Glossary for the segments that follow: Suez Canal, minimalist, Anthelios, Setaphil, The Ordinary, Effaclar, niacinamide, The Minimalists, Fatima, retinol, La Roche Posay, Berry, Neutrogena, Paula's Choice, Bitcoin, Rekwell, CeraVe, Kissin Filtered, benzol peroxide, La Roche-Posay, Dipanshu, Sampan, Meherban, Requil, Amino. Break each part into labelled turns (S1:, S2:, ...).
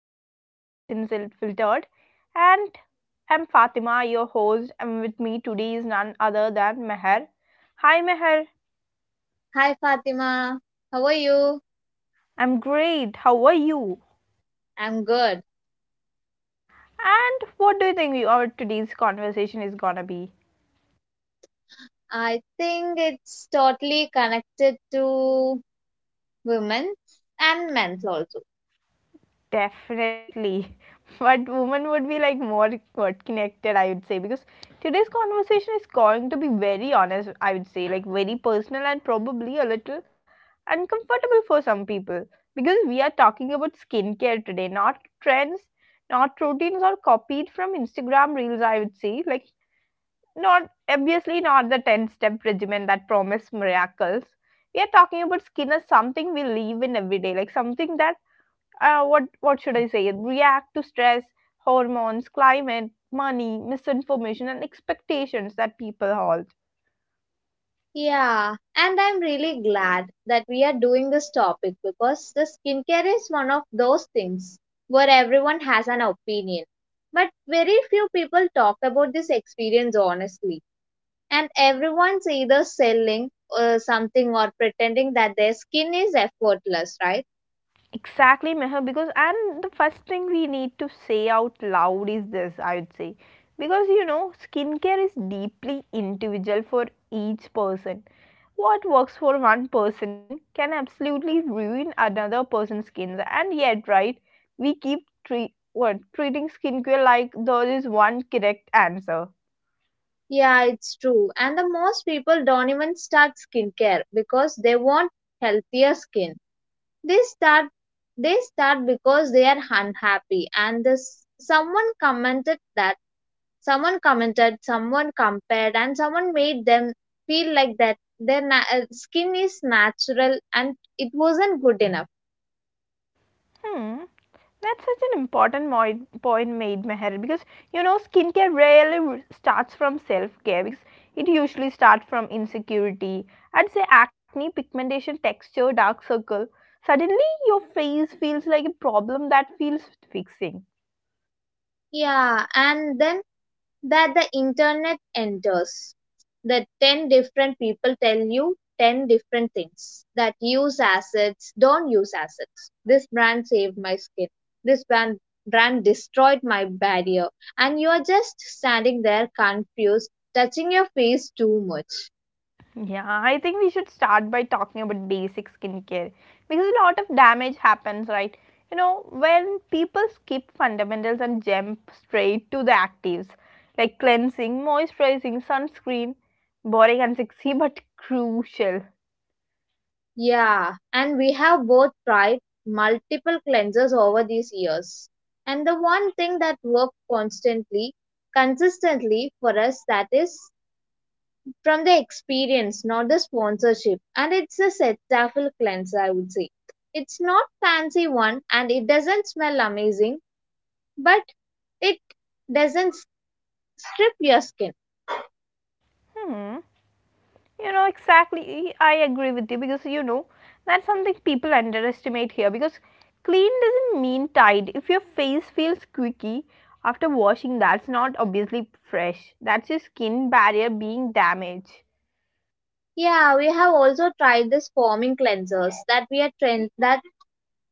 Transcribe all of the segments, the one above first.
S1: back to Kissin Filtered. And I'm Fatima, your host, and with me today is none other than Meher. Hi, Meher.
S2: Hi Fatima, how are you?
S1: I'm great. How are you?
S2: I'm good.
S1: And what do you think our today's conversation is gonna be?
S2: I think it's totally connected to women and men also.
S1: Definitely. But women would be like more what connected, I would say, because today's conversation is going to be very honest, I would say, like very personal and probably a little uncomfortable for some people. Because we are talking about skincare today, not trends, not routines or copied from Instagram reels, I would say. Like not obviously not the 10 step regimen that promise miracles. We are talking about skin as something we live in every day, like something that what should I say? React to stress, hormones, climate, money, misinformation, and expectations that people hold.
S2: Yeah, and I'm really glad that we are doing this topic because the skincare is one of those things where everyone has an opinion. But very few people talk about this experience honestly. And everyone's either selling something or pretending that their skin is effortless, right?
S1: Exactly, Meher. Because and the first thing we need to say out loud is this. I would say, because you know, skincare is deeply individual for each person. What works for one person can absolutely ruin another person's skin. And yet, right, we keep treat, what, treating skincare like there is one correct answer.
S2: Yeah, it's true. And the most people don't even start skincare because they want healthier skin. They start they start because they are unhappy. And this someone commented that someone compared, and someone made them feel like that their skin is natural and it wasn't good enough.
S1: Hmm, that's such an important point made, Meher, because you know, skincare starts from self care because it usually starts from insecurity. I'd say acne, pigmentation, texture, dark circle. Suddenly, your face feels like a problem that feels fixing.
S2: Yeah, and then that the internet enters. The 10 different people tell you 10 different things that use acids, don't use acids. This brand saved my skin. This brand destroyed my barrier. And you are just standing there confused, touching your face too much.
S1: Yeah, I think we should start by talking about basic skincare because a lot of damage happens, right? You know, when people skip fundamentals and jump straight to the actives like cleansing, moisturizing, sunscreen, boring and sexy but crucial.
S2: Yeah, and we have both tried multiple cleansers over these years. And the one thing that worked constantly consistently for us that is from the experience, not the sponsorship. And it's a setaphil cleanser, I would say. It's not fancy one and it doesn't smell amazing, but it doesn't strip your skin.
S1: Hmm. You know, exactly. I agree with you because you know that's something people underestimate here because clean doesn't mean tidy. If your face feels squeaky after washing, that's not obviously fresh. That's your skin barrier being damaged.
S2: Yeah, we have also tried this foaming cleansers that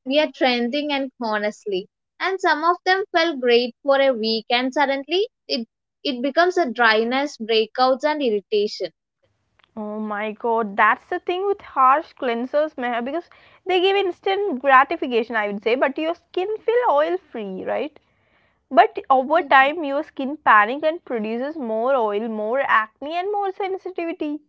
S2: we are trending and honestly. And some of them felt great for a week and suddenly it becomes a dryness, breakouts and irritation.
S1: Oh my god, that's the thing with harsh cleansers, Meher, because they give instant gratification, I would say, but your skin feel oil free, right? But over
S2: Yeah.
S1: time, your skin panic and produces more oil, more acne, and more sensitivity.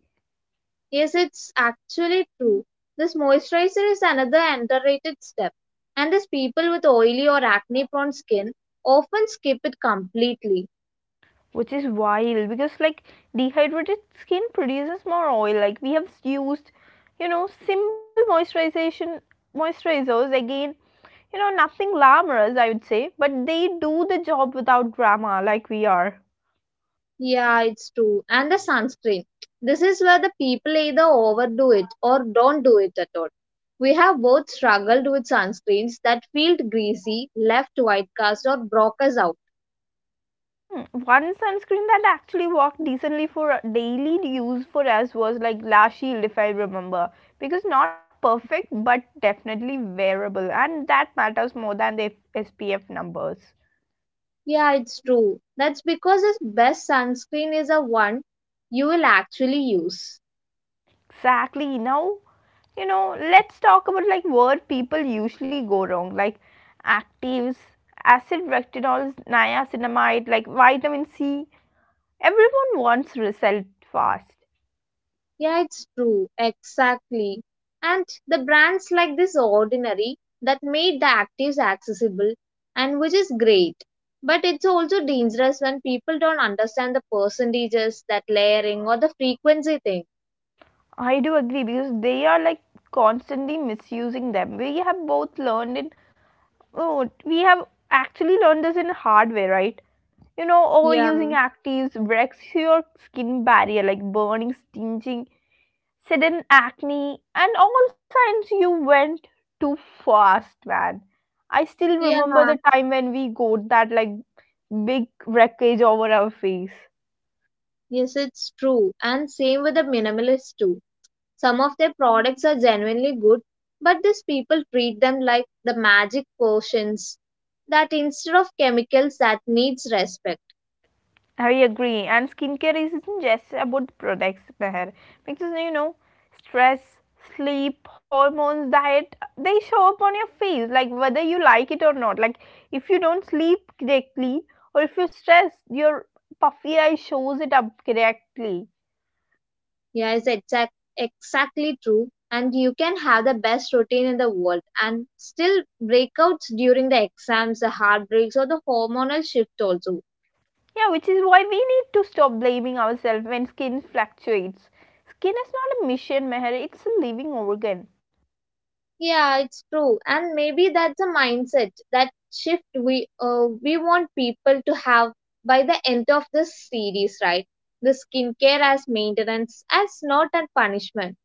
S2: Yes, it's actually true. This moisturizer is another underrated step, and these people with oily or acne prone skin often skip it completely.
S1: Which is wild because like dehydrated skin produces more oil. Like we have used, you know, simple moisturization moisturizers again, you know, nothing glamorous, I would say, but they do the job without drama like we are.
S2: Yeah, it's true. And the sunscreen. This is where the people either overdo it or don't do it at all. We have both struggled with sunscreens that feel greasy, left white cast, or broke us out.
S1: Hmm, one sunscreen that actually worked decently for daily use for us was like lash shield if I remember, because not perfect but definitely wearable, and that matters more than the spf numbers.
S2: Yeah, it's true. That's because the best sunscreen is the one you will actually use.
S1: Exactly. Now, you know, let's talk about like where people usually go wrong, like actives, acid, retinols, niacinamide, like vitamin c. Everyone wants result fast.
S2: Yeah, it's true. Exactly. And the brands like this ordinary that made the actives accessible and which is great. But it's also dangerous when people don't understand the percentages, that layering or the frequency thing.
S1: I do agree because they are like constantly misusing them. We have both learned in, oh, we have actually learned this in hard way, right? You know,
S2: Yeah.
S1: overusing actives wrecks your skin barrier, like burning, stinging, sudden acne, and all signs you went too fast, man. I still
S2: Yeah.
S1: remember the time when we got that like big wreckage over our face.
S2: Yes, it's true. And same with the minimalists too. Some of their products are genuinely good, but these people treat them like the magic potions that instead of chemicals that needs respect.
S1: I agree. And skincare isn't just about products, Meher. Because you know, stress, sleep, hormones, diet, they show up on your face, like whether you like it or not. Like if you don't sleep correctly or if you stress, your puffy eye shows it up correctly.
S2: Yeah, it's exactly true. And you can have the best routine in the world and still breakouts during the exams, the heartbreaks, or the hormonal shift also.
S1: Yeah, which is why we need to stop blaming ourselves when skin fluctuates. Skin is not a mission, Meher, it's a living organ.
S2: Yeah, it's true. And maybe that's a mindset, that shift we want people to have by the end of this series, right? The skincare as maintenance, as not a punishment.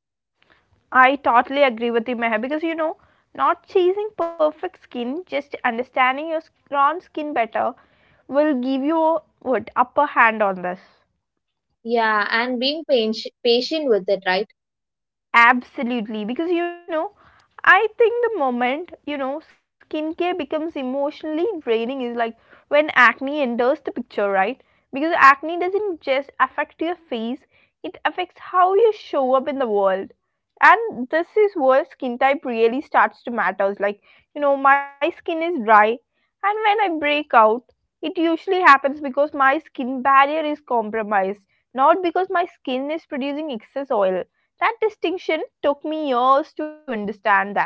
S1: I totally agree with you, Meher, because you know, not chasing perfect skin, just understanding your own skin better will give you what upper hand on this.
S2: Yeah, and being patient with it, right?
S1: Absolutely, because you know, I think the moment you know skincare becomes emotionally draining is like when acne enters the picture, right? Because acne doesn't just affect your face, it affects how you show up in the world. And this is where skin type really starts to matters. Like, you know, my skin is dry, and when I break out, it usually happens because my skin barrier is compromised, not because my skin is producing excess oil. That distinction took me years to understand that.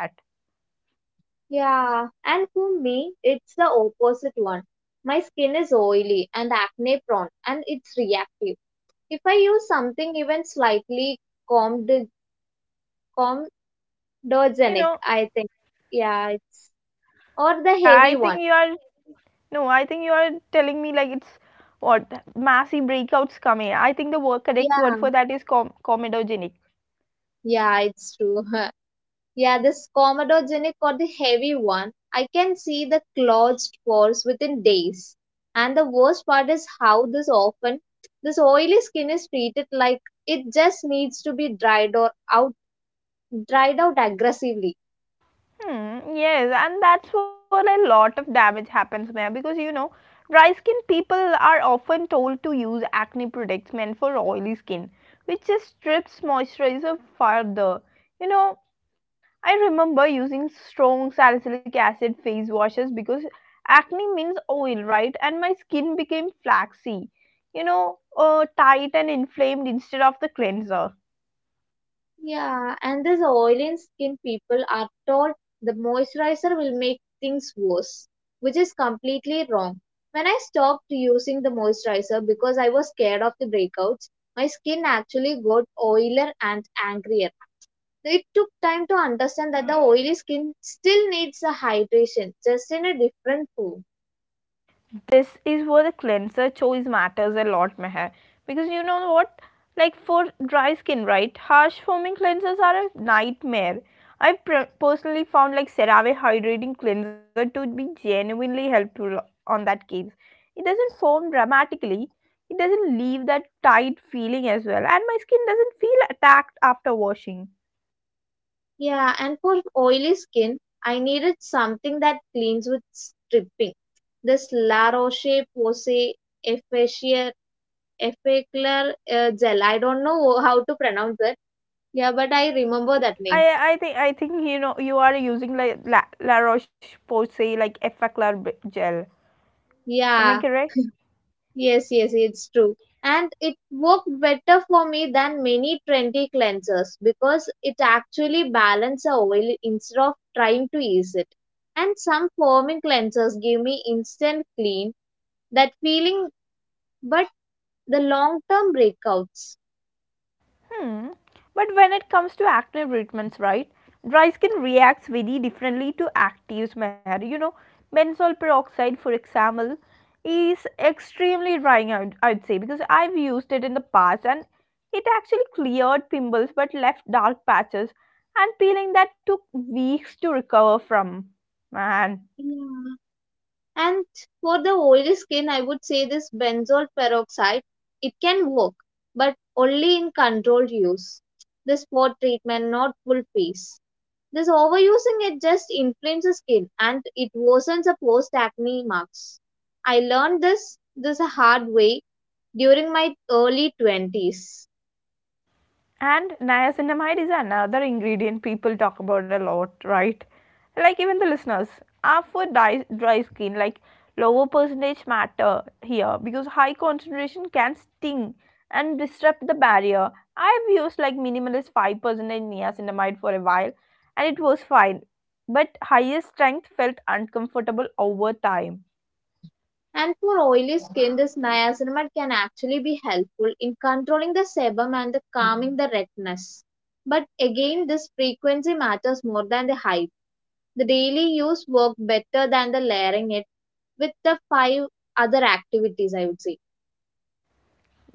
S2: Yeah, and for me, it's the opposite one. My skin is oily and acne prone, and it's reactive. If I use something even slightly comd comedogenic,
S1: You
S2: I
S1: know,
S2: think, yeah, it's or the
S1: I
S2: heavy one.
S1: think you are, no, I think you are telling me like it's what massive breakouts come in. I think the word, correct
S2: Yeah,
S1: word for that is comedogenic.
S2: yeah, it's true. Yeah, this Commodore Genic or the heavy one, I can see the closed pores within days. And the worst part is how this often, this oily skin is treated like it just needs to be dried out aggressively.
S1: Hmm, yes, and that's where a lot of damage happens, man. Because you know, dry skin people are often told to use acne products meant for oily skin, which just strips moisturizer further. You know, I remember using strong salicylic acid face washes because acne means oil, right? And my skin became flaxy, you know, tight and inflamed instead of the cleanser.
S2: Yeah, and these oily skin people are told the moisturizer will make things worse, which is completely wrong. When I stopped using the moisturizer because I was scared of the breakouts, my skin actually got oilier and angrier. So, it took time to understand that the oily skin still needs a hydration, just in a different form.
S1: This is where the cleanser choice matters a lot, Meher. Because you know what? Like for dry skin, right? Harsh foaming cleansers are a nightmare. I've personally found like CeraVe hydrating cleanser to be genuinely helpful on that case. It doesn't foam dramatically. It doesn't leave that tight feeling as well, and my skin doesn't feel attacked after washing.
S2: Yeah, and for oily skin, I needed something that cleans with stripping. This La Roche Posay Effaceur Effaclar Gel. I don't know how to pronounce it. Yeah, but I remember that
S1: I
S2: name.
S1: I think you know you are using like La Roche Posay like gel. Am I
S2: Yeah,
S1: correct?
S2: yes, yes, it's true. And it worked better for me than many trendy cleansers because it actually balanced the oil instead of trying to ease it. And some foaming cleansers give me instant clean, that feeling, but the long term breakouts.
S1: Hmm. But when it comes to acne treatments, right? Dry skin reacts very differently to active smear. You know, benzol peroxide, for example, is extremely drying. I'd say because I've used it in the past and it actually cleared pimples but left dark patches. And peeling that took weeks to recover from. Man.
S2: Yeah. And for the oily skin, I would say this benzoyl peroxide, it can work, but only in controlled use. The spot treatment, not full face. This overusing it just inflames the skin and it worsens the post acne marks. I learned this a hard way during my early 20s.
S1: And niacinamide is another ingredient people talk about a lot, right? Like even the listeners are for dry skin. Like lower percentage matter here because high concentration can sting and disrupt the barrier. I've used like minimalist 5% niacinamide for a while, and it was fine, but higher strength felt uncomfortable over time.
S2: And for oily skin, this niacinamide can actually be helpful in controlling the sebum and the calming the redness. But again, this frequency matters more than the hype. The daily use works better than the layering it with the five other activities, I would say.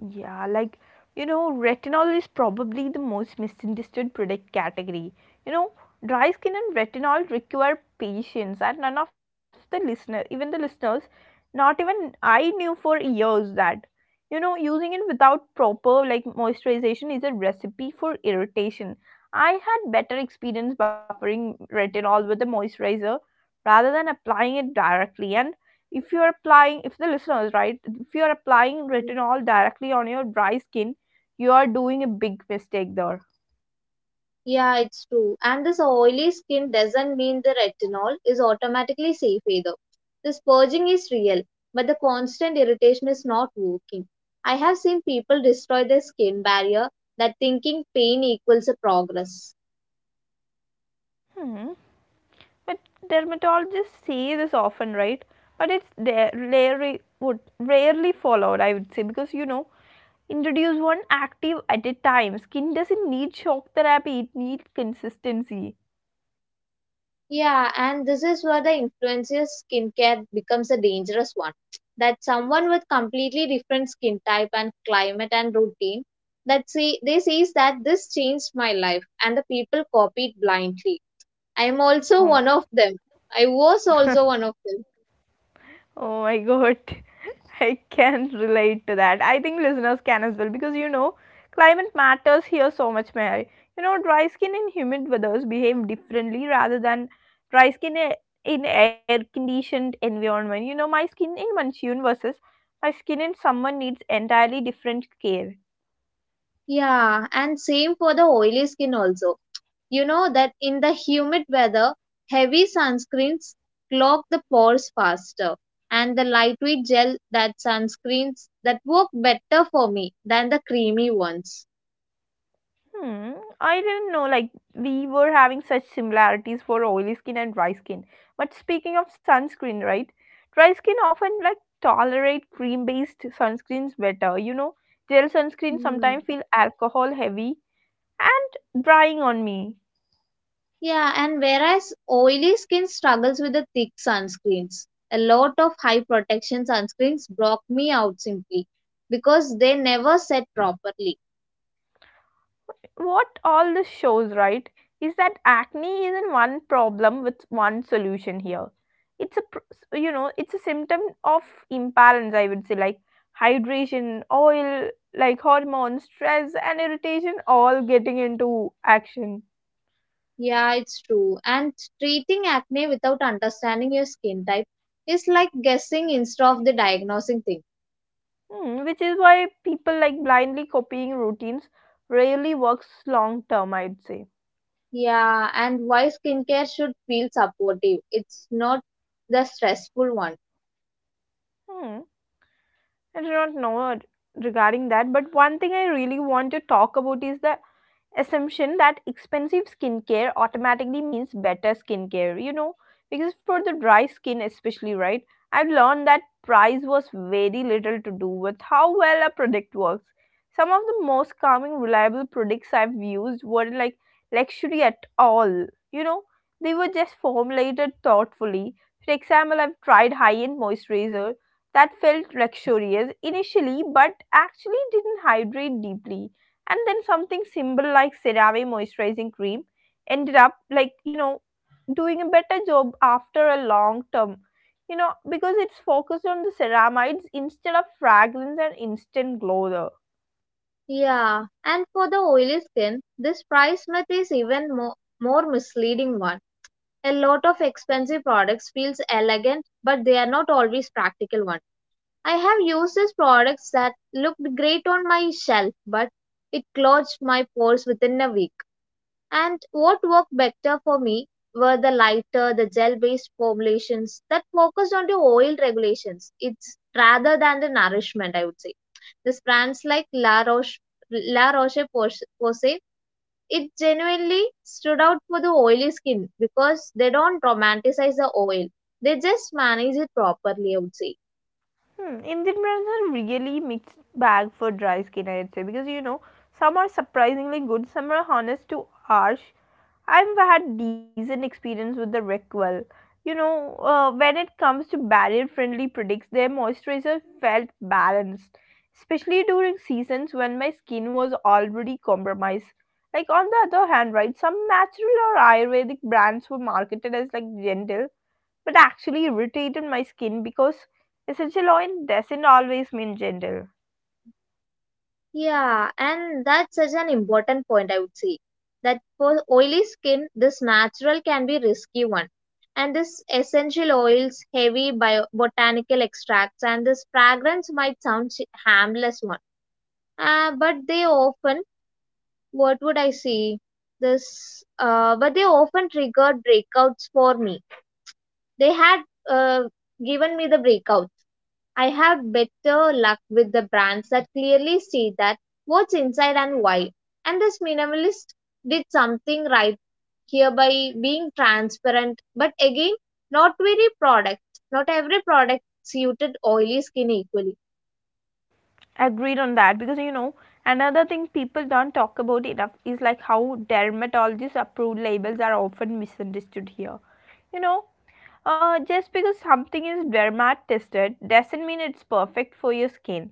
S1: Yeah, like you know, retinol is probably the most misunderstood product category. You know, dry skin and retinol require patience, and none of the listener, even the listeners, not even I knew for years that you know using it without proper like moisturization is a recipe for irritation. I had better experience buffering retinol with a moisturizer rather than applying it directly, and if you're applying, if the listeners right, if you're applying retinol directly on your dry skin, you are doing a big mistake there.
S2: Yeah, it's true. And this oily skin doesn't mean the retinol is automatically safe either. The purging is real, but the constant irritation is not working. I have seen people destroy their skin barrier that thinking pain equals a progress.
S1: Hmm. But dermatologists say this often, right, but it's rarely would rarely followed, I would say, because you know, introduce one active at a time. Skin doesn't need shock therapy, it needs consistency.
S2: Yeah, and this is where the influencer skincare becomes a dangerous one. That someone with completely different skin type and climate and routine that see they says that this changed my life and the people copied blindly. I'm also
S1: um,
S2: one of them. I was also one of them.
S1: oh my god, I can relate to that. I think listeners can as well because you know, climate matters here so much, Mary. You know, dry skin in humid weathers behave differently rather than dry skin i- in air conditioned environment. You know, my skin in monsoon versus my skin in summer needs entirely different care.
S2: Yeah, and same for the oily skin also. You know that in the humid weather, heavy sunscreens clog the pores faster. And the lightweight gel that sunscreens that work better for me than the creamy ones.
S1: Hmm, I didn't know like we were having such similarities for oily skin and dry skin. But speaking of sunscreen, right? Dry skin often like tolerate cream-based sunscreens better. You know, gel sunscreen
S2: Hmm.
S1: sometimes feel alcohol heavy and drying on me.
S2: Yeah, and whereas oily skin struggles with the thick sunscreens, a lot of high protection sunscreens block me out simply because they never set properly.
S1: What all this shows, right, is that acne isn't one problem with one solution here. It's a, you know, it's a symptom of imbalance, I would say, like hydration, oil, like hormones, stress, and irritation all getting into action.
S2: Yeah, it's true. And treating acne without understanding your skin type is like guessing instead of the diagnosing thing.
S1: Hmm, which is why people like blindly copying routines rarely works long term, I'd say.
S2: Yeah, and why skincare should feel supportive. It's not the stressful one.
S1: Hmm, I do not know regarding that, but one thing I really want to talk about is the assumption that expensive skincare automatically means better skincare, you know, because for the dry skin, especially, right, I've learned that price was very little to do with how well a product works. Some of the most calming, reliable products I've used weren't like luxury at all, you know, they were just formulated thoughtfully. For example, I've tried high end moisturizer that felt luxurious initially but actually didn't hydrate deeply, and then something simple like CeraVe moisturizing cream ended up like you know doing a better job after a long term, you know, because it's focused on the ceramides instead of fragrance and instant glow though.
S2: Yeah, and for the oily skin, this price myth is even more misleading one. A lot of expensive products feels elegant, but they are not always practical one. I have uses products that looked great on my shelf, but it clogged my pores within a week. And what worked better for me were the lighter, the gel-based formulations that focused on the oil regulations. It's rather than the nourishment, I would say. This brands like La Roche Posay, it genuinely stood out for the oily skin because they don't romanticize the oil. They just manage it properly, I would say.
S1: Hmm, Indian brands are really mixed bag for dry skin, I'd say, because you know some are surprisingly good, some are honest to harsh. I've had decent experience with the Rekwell. You know, when it comes to barrier-friendly products, their moisturizer felt balanced, especially during seasons when my skin was already compromised. Like on the other hand, right, some natural or Ayurvedic brands were marketed as like gentle, but actually irritated my skin because essential oil doesn't always mean gentle.
S2: Yeah, and that's such an important point, I would say. That for oily skin, this natural can be risky one. And this essential oils, heavy bio botanical extracts, and this fragrance might sound harmless one. But they often, what would I say? This, but they often triggered breakouts for me. They had uh, given me the breakouts. I have better luck with the brands that clearly state that what's inside and why. And this minimalist did something right here by being transparent, but again, not very product. Not every product suited oily skin equally.
S1: Agreed on that. Because you know Another thing people don't talk about enough is like how dermatologists approved labels are often misunderstood here. you know just because something is dermat tested doesn't mean it's perfect for your skin.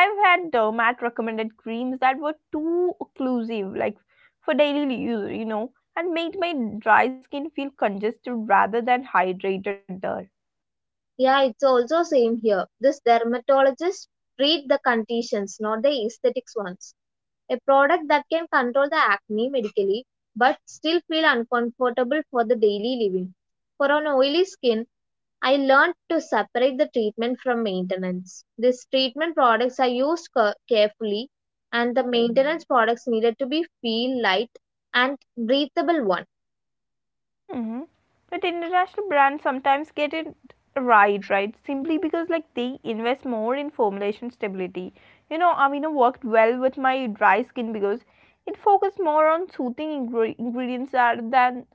S1: I've had dermat recommended creams that were too occlusive, like for daily use, and made my dry skin feel congested rather than hydrated there.
S2: Yeah, it's also same here. This dermatologist treat the conditions, not the aesthetics ones. A product that can control the acne medically, but still feel uncomfortable for the daily living. For an oily skin, I learned to separate the treatment from maintenance. These treatment products are used carefully, and the maintenance products needed to be feel light and breathable one.
S1: Mhm. But international brands sometimes get it right, right? Simply because like they invest more in formulation stability. You know, Amino worked well with my dry skin because it focused more on ingredients rather than,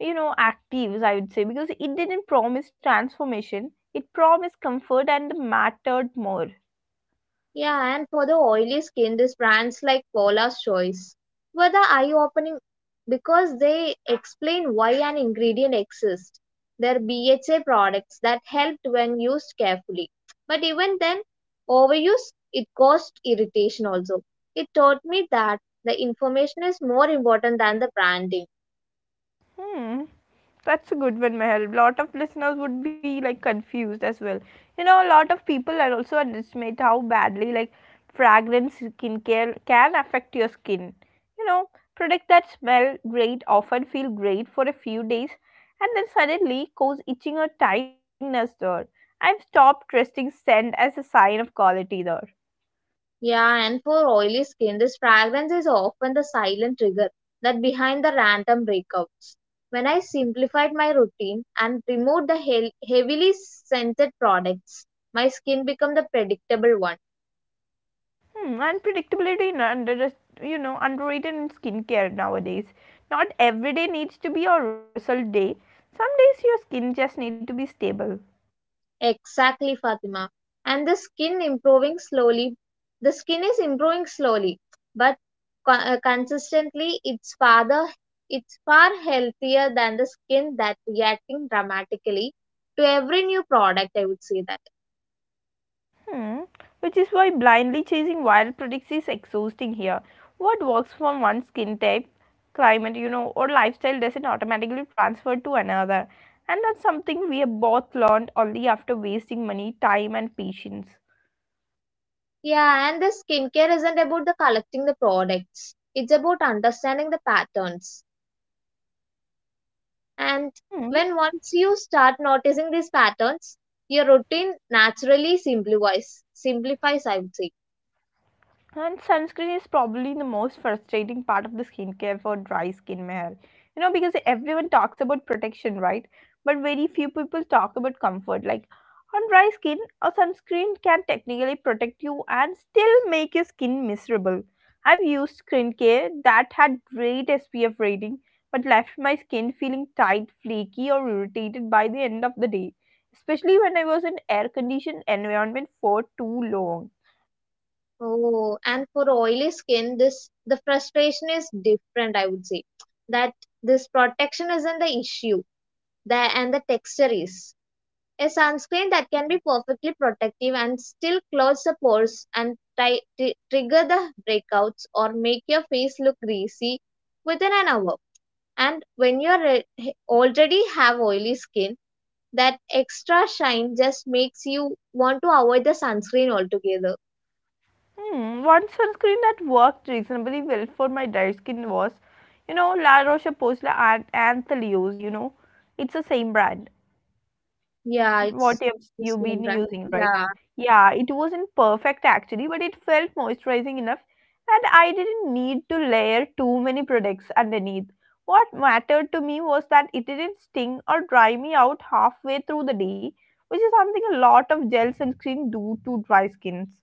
S1: you know, actives. I would say because it didn't promise transformation. It promised comfort and mattered more.
S2: Yeah, and for the oily skin, these brands like Paula's Choice were the eye-opening because they explain why an ingredient exists. They're BHA products that helped when used carefully. But even then, overuse, it caused irritation also. It taught me that the information is more important than the branding.
S1: Hmm. That's a good one, Meher. Lot of listeners would be like confused as well. You know, a lot of people are also underestimate how badly like fragrance skincare can affect your skin. You know, products that smell great often feel great for a few days and then suddenly cause itching or tiredness there. I've stopped trusting scent as a sign of quality there.
S2: Yeah, and for oily skin, this fragrance is often the silent trigger that behind the random breakouts. When I simplified my routine and removed the heavily scented products, my skin became the predictable one.
S1: Hmm, and predictability in under just, you know, underrated in skincare nowadays. Not every day needs to be your result day. Some days your skin just need to be stable.
S2: Exactly, Fatima. And the skin improving slowly. The skin is improving slowly, but consistently, it's far healthier than the skin that reacting dramatically to every new product, I would say that.
S1: Hmm, which is why blindly chasing wild products is exhausting here. What works for one skin type, climate, you know, or lifestyle doesn't automatically transfer to another. And that's something we have both learned only after wasting money, time, and patience.
S2: Yeah, and the skincare isn't about the collecting the products. It's about understanding the patterns. And
S1: Hmm,
S2: when once you start noticing these patterns, your routine naturally simplifies. Simplifies, I would say.
S1: and sunscreen is probably the most frustrating part of the skincare for dry skin, Meher. You know, because everyone talks about protection, right? But very few people talk about comfort. Like on dry skin, a sunscreen can technically protect you and still make your skin miserable. I've used skincare that had great SPF rating but left my skin feeling tight, flaky, or irritated by the end of the day, especially when I was in air conditioned environment for too long.
S2: Oh, and for oily skin, this the frustration is different, I would say. That this protection isn't the issue. The and the texture is. A sunscreen that can be perfectly protective and still close the pores and trigger the breakouts or make your face look greasy within an hour. And when you already have oily skin, that extra shine just makes you want to avoid the sunscreen altogether.
S1: Hmm, one sunscreen that worked reasonably well for my dry skin was, you know, La Roche-Posay and Anthelios, you know. It's the same brand.
S2: Yeah,
S1: What
S2: it's
S1: else
S2: the
S1: you've
S2: skin
S1: been
S2: brand.
S1: using, right?
S2: Yeah.
S1: Yeah, it wasn't perfect actually, but it felt moisturizing enough and I didn't need to layer too many products underneath. What mattered to me was that it didn't sting or dry me out halfway through the day, which is something a lot of gel sunscreen do to dry skins.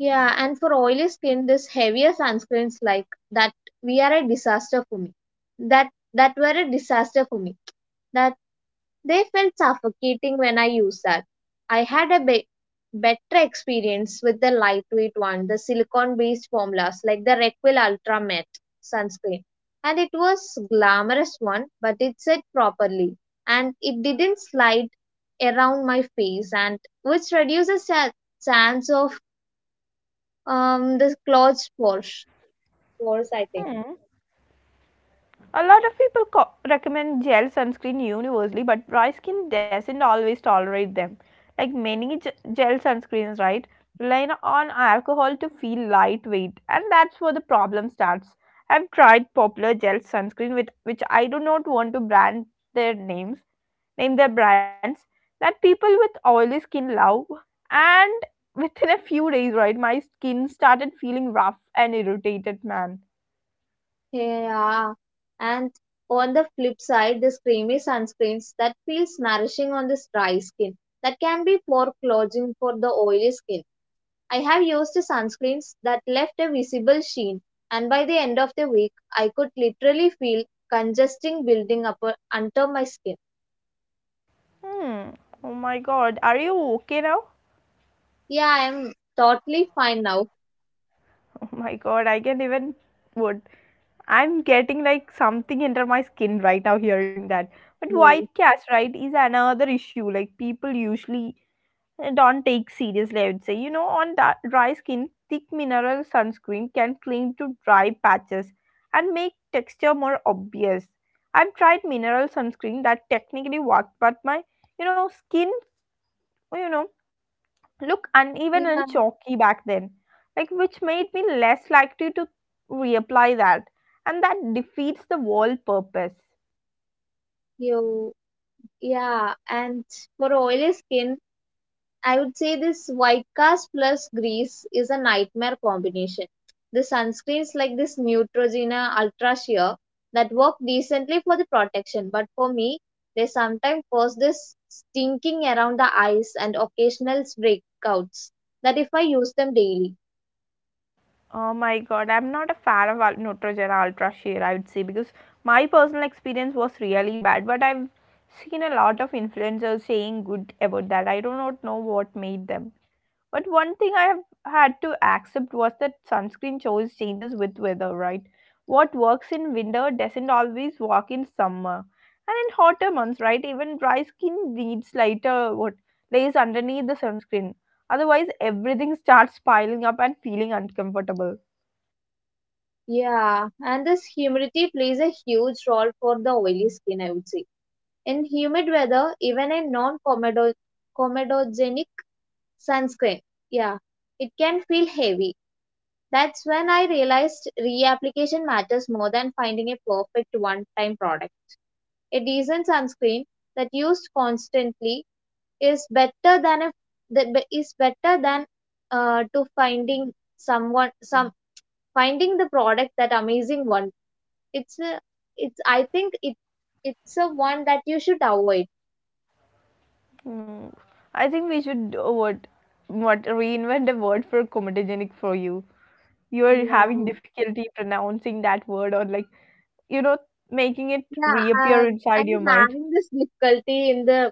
S2: Yeah, and for oily skin, this heavier sunscreens like that we are a disaster for me. That that were a disaster for me. That They felt suffocating when I used that. I had a better experience with the lightweight one, the silicone based formulas like the Requil Ultra Matte sunscreen. And it was glamorous one, but it set properly and it didn't slide around my face and which reduces the chance of the clogged pores I think.
S1: Hmm. A lot of people recommend gel sunscreen universally, but dry skin doesn't always tolerate them. Like many gel sunscreens, right, rely on alcohol to feel lightweight, and that's where the problem starts. I've tried popular gel sunscreen with which I do not want to brand their names, name their brands, that people with oily skin love, and within a few days, right, my skin started feeling rough and irritated, man.
S2: Yeah. And on the flip side, this creamy sunscreens that feels nourishing on this dry skin that can be poor clothing for the oily skin. I have used sunscreens that left a visible sheen, and by the end of the week, I could literally feel congesting building up under my skin.
S1: Hmm. Oh my god. Are you okay now?
S2: Yeah, I'm totally fine now.
S1: Oh my god. I can't even. Would. I'm getting like something under my skin right now hearing that. But
S2: Hmm.
S1: white cast, right, is another issue. Like people usually don't take seriously. I would say. You know, on dry skin, thick mineral sunscreen can cling to dry patches and make texture more obvious. I've tried mineral sunscreen that technically worked, but my, you know, skin, you know, look uneven
S2: Yeah,
S1: and chalky back then, like which made me less likely to reapply that, and that defeats the wall purpose.
S2: you, yeah, and for oily skin, I would say this white cast plus grease is a nightmare combination. The sunscreens like this Neutrogena Ultra Sheer that work decently for the protection, but for me, they sometimes cause this stinking around the eyes and occasional breakouts that if I use them daily.
S1: Oh my god, I'm not a fan of Neutrogena Ultra Sheer, I would say, because my personal experience was really bad, but I've seen a lot of influencers saying good about that. I do not know what made them. But one thing I have had to accept was that sunscreen choice changes with weather, right? What works in winter doesn't always work in summer. And in hotter months, right, even dry skin needs lighter what lays underneath the sunscreen. Otherwise, everything starts piling up and feeling uncomfortable.
S2: Yeah, and this humidity plays a huge role for the oily skin, I would say. In humid weather, even a non comedogenic sunscreen, yeah, it can feel heavy. That's when I realized reapplication matters more than finding a perfect one time product. A decent sunscreen that used constantly is better than a that is better than to finding someone some finding the product that amazing one. It's a, it's I think it it's a one that you should avoid.
S1: Hmm. I think we should what reinvent a word for comedogenic for you. You're
S2: Yeah.
S1: having difficulty pronouncing that word, or like, you know, making it
S2: Yeah,
S1: reappear inside
S2: I'm
S1: your mind.
S2: having this difficulty in the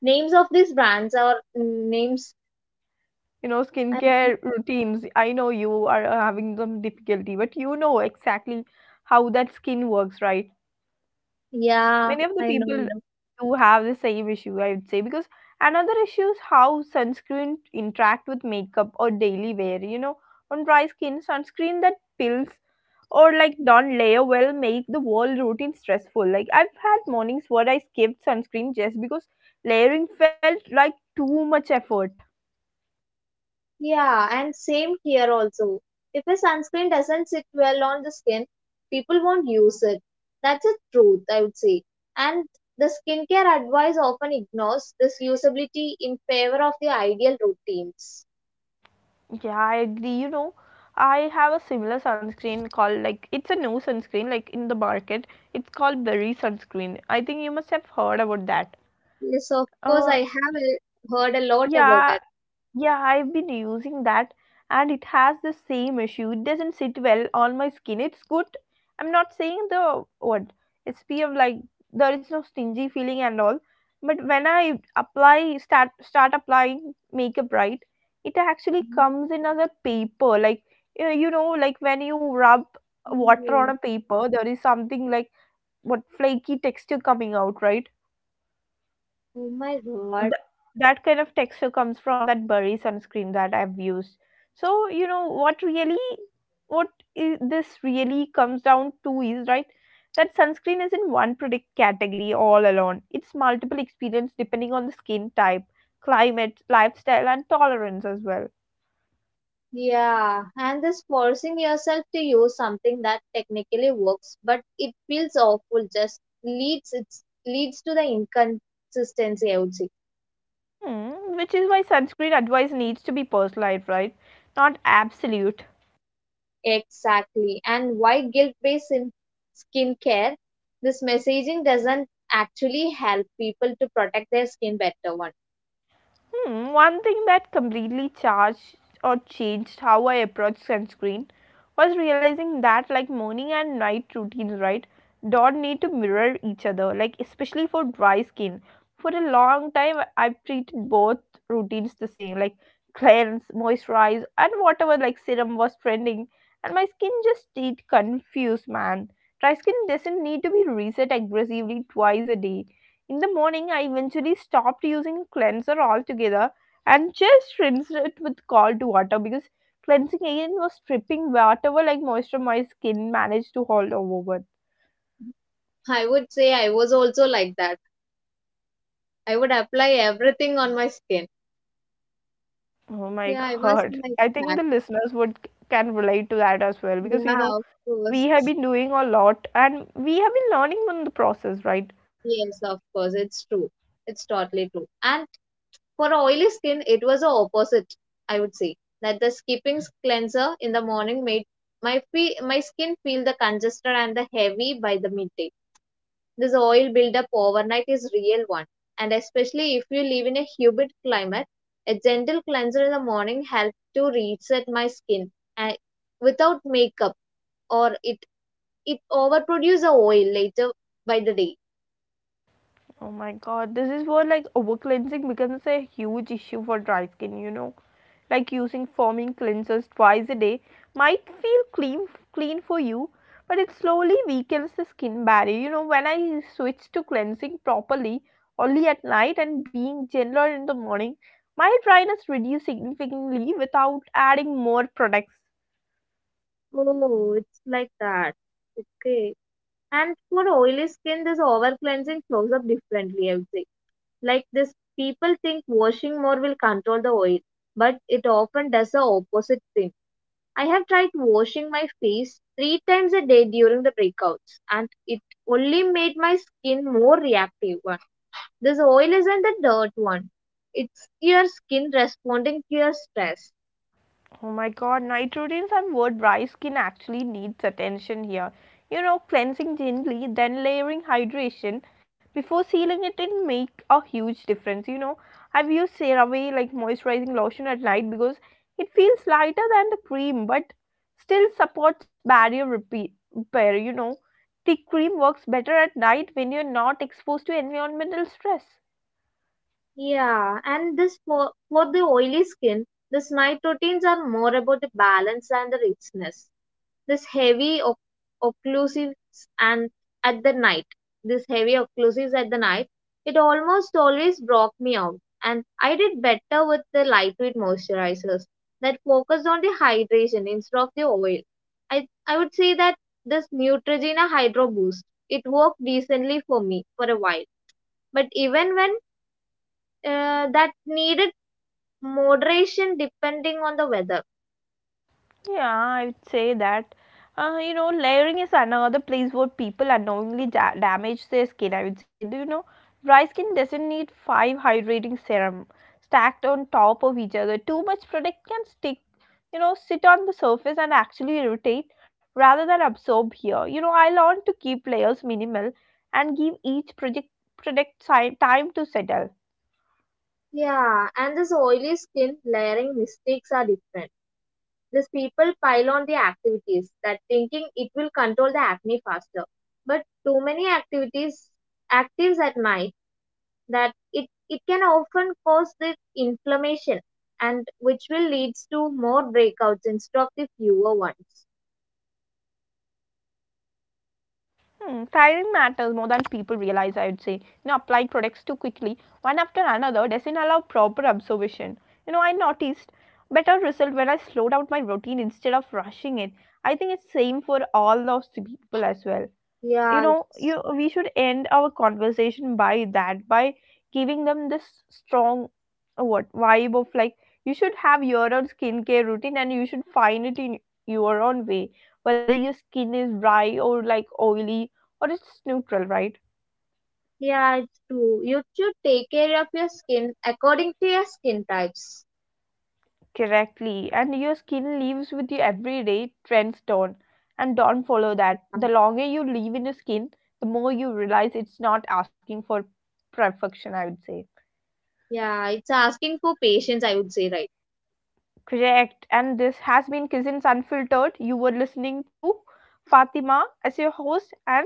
S2: names of these brands or names.
S1: You know, skincare routines. I know you are having some difficulty, but you know exactly how that skin works, right?
S2: Yeah,
S1: Many of the
S2: I know, I
S1: people
S2: know.
S1: do have the same issue, I would say, because another issue is how sunscreen interact with makeup or daily wear. You know, on dry skin, sunscreen that peels or like non-layer will make the whole routine stressful. Like I've had mornings where I skipped sunscreen just because layering felt like too much effort.
S2: Yeah, and same here also. If a sunscreen doesn't sit well on the skin, people won't use it. That's the truth, I would say. And the skincare advice often ignores this usability in favor of the ideal routines.
S1: Yeah, I agree. You know, I have a similar sunscreen called, like it's a new sunscreen like in the market. It's called Berry sunscreen. I think you must have heard about that.
S2: Yes, of course,
S1: Uh,
S2: I have heard a lot about
S1: yeah,
S2: it.
S1: Yeah, I've been using that and it has the same issue. It doesn't sit well on my skin. It's good. I'm not saying the what SPF, like there is no stingy feeling and all. But when I apply start applying makeup, right, it actually comes in as a paper. Like you know, like when you rub water on a
S2: Mm.
S1: paper, there is something like what flaky texture coming out, right?
S2: Oh my
S1: th-
S2: god.
S1: that kind of texture comes from that Burry sunscreen that I've used. So you know what really, what this really comes down to is, right, that sunscreen isn't one product category all alone. It's multiple experience depending on the skin type, climate, lifestyle, and tolerance as well.
S2: Yeah, and this forcing yourself to use something that technically works, but it feels awful just leads it leads to the inconsistency, I would say.
S1: Hmm, which is why sunscreen advice needs to be personalized, right? Not absolute.
S2: Exactly. And why guilt-based in skincare? This messaging doesn't actually help people to protect their skin better one.
S1: Hmm, one thing that completely charged or changed how I approached sunscreen was realizing that, like morning and night routines, right, don't need to mirror each other, like, especially for dry skin. For a long time, I've treated both routines the same, like cleanse, moisturize, and whatever like serum was trending, and my skin just stayed confused, man. Dry skin doesn't need to be reset aggressively twice a day. In the morning, I eventually stopped using cleanser altogether and just rinsed it with cold water because cleansing agent was stripping whatever like moisture my skin managed to hold over with.
S2: I would say I was also like that. I would apply everything on my skin.
S1: Oh my
S2: Yeah, I was
S1: god.
S2: like
S1: I think
S2: that.
S1: the listeners would can relate to that as well, because you
S2: Yeah,
S1: know
S2: of course.
S1: we have been doing a lot and we have been learning in the process, right?
S2: Yes, of course, it's true. It's totally true. And for oily skin, it was the opposite, I would say. That the skipping cleanser in the morning made my skin feel the congested and the heavy by the midday. This oil buildup overnight is real one. And especially if you live in a humid climate, a gentle cleanser in the morning helped to reset my skin and without makeup or it overproduce the oil later by the day.
S1: Oh my god, this is where like over cleansing becomes a huge issue for dry skin, you know. Like using foaming cleansers twice a day might feel clean for you, but it slowly weakens the skin barrier. You know, when I switched to cleansing properly only at night and being gentler in the morning, my dryness reduced significantly without adding more products.
S2: Oh, it's like that. Okay. And for oily skin, this over cleansing shows up differently, I would say. Like this, people think washing more will control the oil, but it often does the opposite thing. I have tried washing my face three times a day during the breakouts, and it only made my skin more reactive one. This oil isn't the dirt one. It's your skin responding to your stress.
S1: Oh my god, night routines and word dry skin actually needs attention here. You know, cleansing gently, then layering hydration before sealing it in make a huge difference. You know, I've used CeraVe like moisturizing lotion at night because it feels lighter than the cream but still supports barrier repair. You know, the cream works better at night when you're not exposed to environmental stress.
S2: Yeah, and for the oily skin, this night routines are more about the balance and the richness. This heavy oc- occlusives and at the night, this heavy occlusives at the night, it almost always broke me out. And I did better with the lightweight moisturizers that focused on the hydration instead of the oil. I would say that this Neutrogena Hydro Boost it worked decently for me for a while. But even when that needed moderation depending on the weather.
S1: Yeah, I would say that. You know, layering is another place where people unknowingly damage their skin. I would say, do you know, dry skin doesn't need five hydrating serum stacked on top of each other. Too much product can stick, you know, sit on the surface and actually irritate rather than absorb here. You know, I learned to keep layers minimal and give each project product time to settle.
S2: Yeah, and this oily skin layering mistakes are different. These people pile on the activities that thinking it will control the acne faster. But too many activities actives at night that it can often cause the inflammation and which will leads to more breakouts instead of the fewer ones.
S1: Hmm, timing matters more than people realize, I would say. You know, applying products too quickly, one after another, doesn't allow proper observation. You know, I noticed better result when I slowed down my routine instead of rushing it. I think it's same for all those people as well. You know,
S2: Yeah.
S1: you we should end our conversation by that, by giving them this strong a what vibe of like you should have your own skincare routine and you should find it in your own way, whether your skin is dry or like oily or it's neutral, right?
S2: Yeah, it's true. You should take care of your skin according to your skin types.
S1: Correctly, and your skin lives with you every day. Trends don't, and don't follow that. The longer you live in your skin, the more you realize it's not asking for perfection, I would say.
S2: Yeah, it's asking for patience, I would say, right?
S1: Correct. And this has been Cousins Unfiltered. You were listening to Fatima as your host, and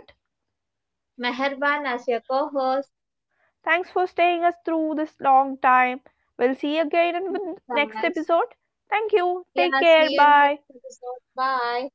S2: Meherban as your co-host.
S1: Thanks for staying us through this long time. We'll see you again in the next
S2: Thanks.
S1: episode. Thank you.
S2: Yeah,
S1: Take
S2: see
S1: care.
S2: you in the
S1: Bye.
S2: next episode. Bye.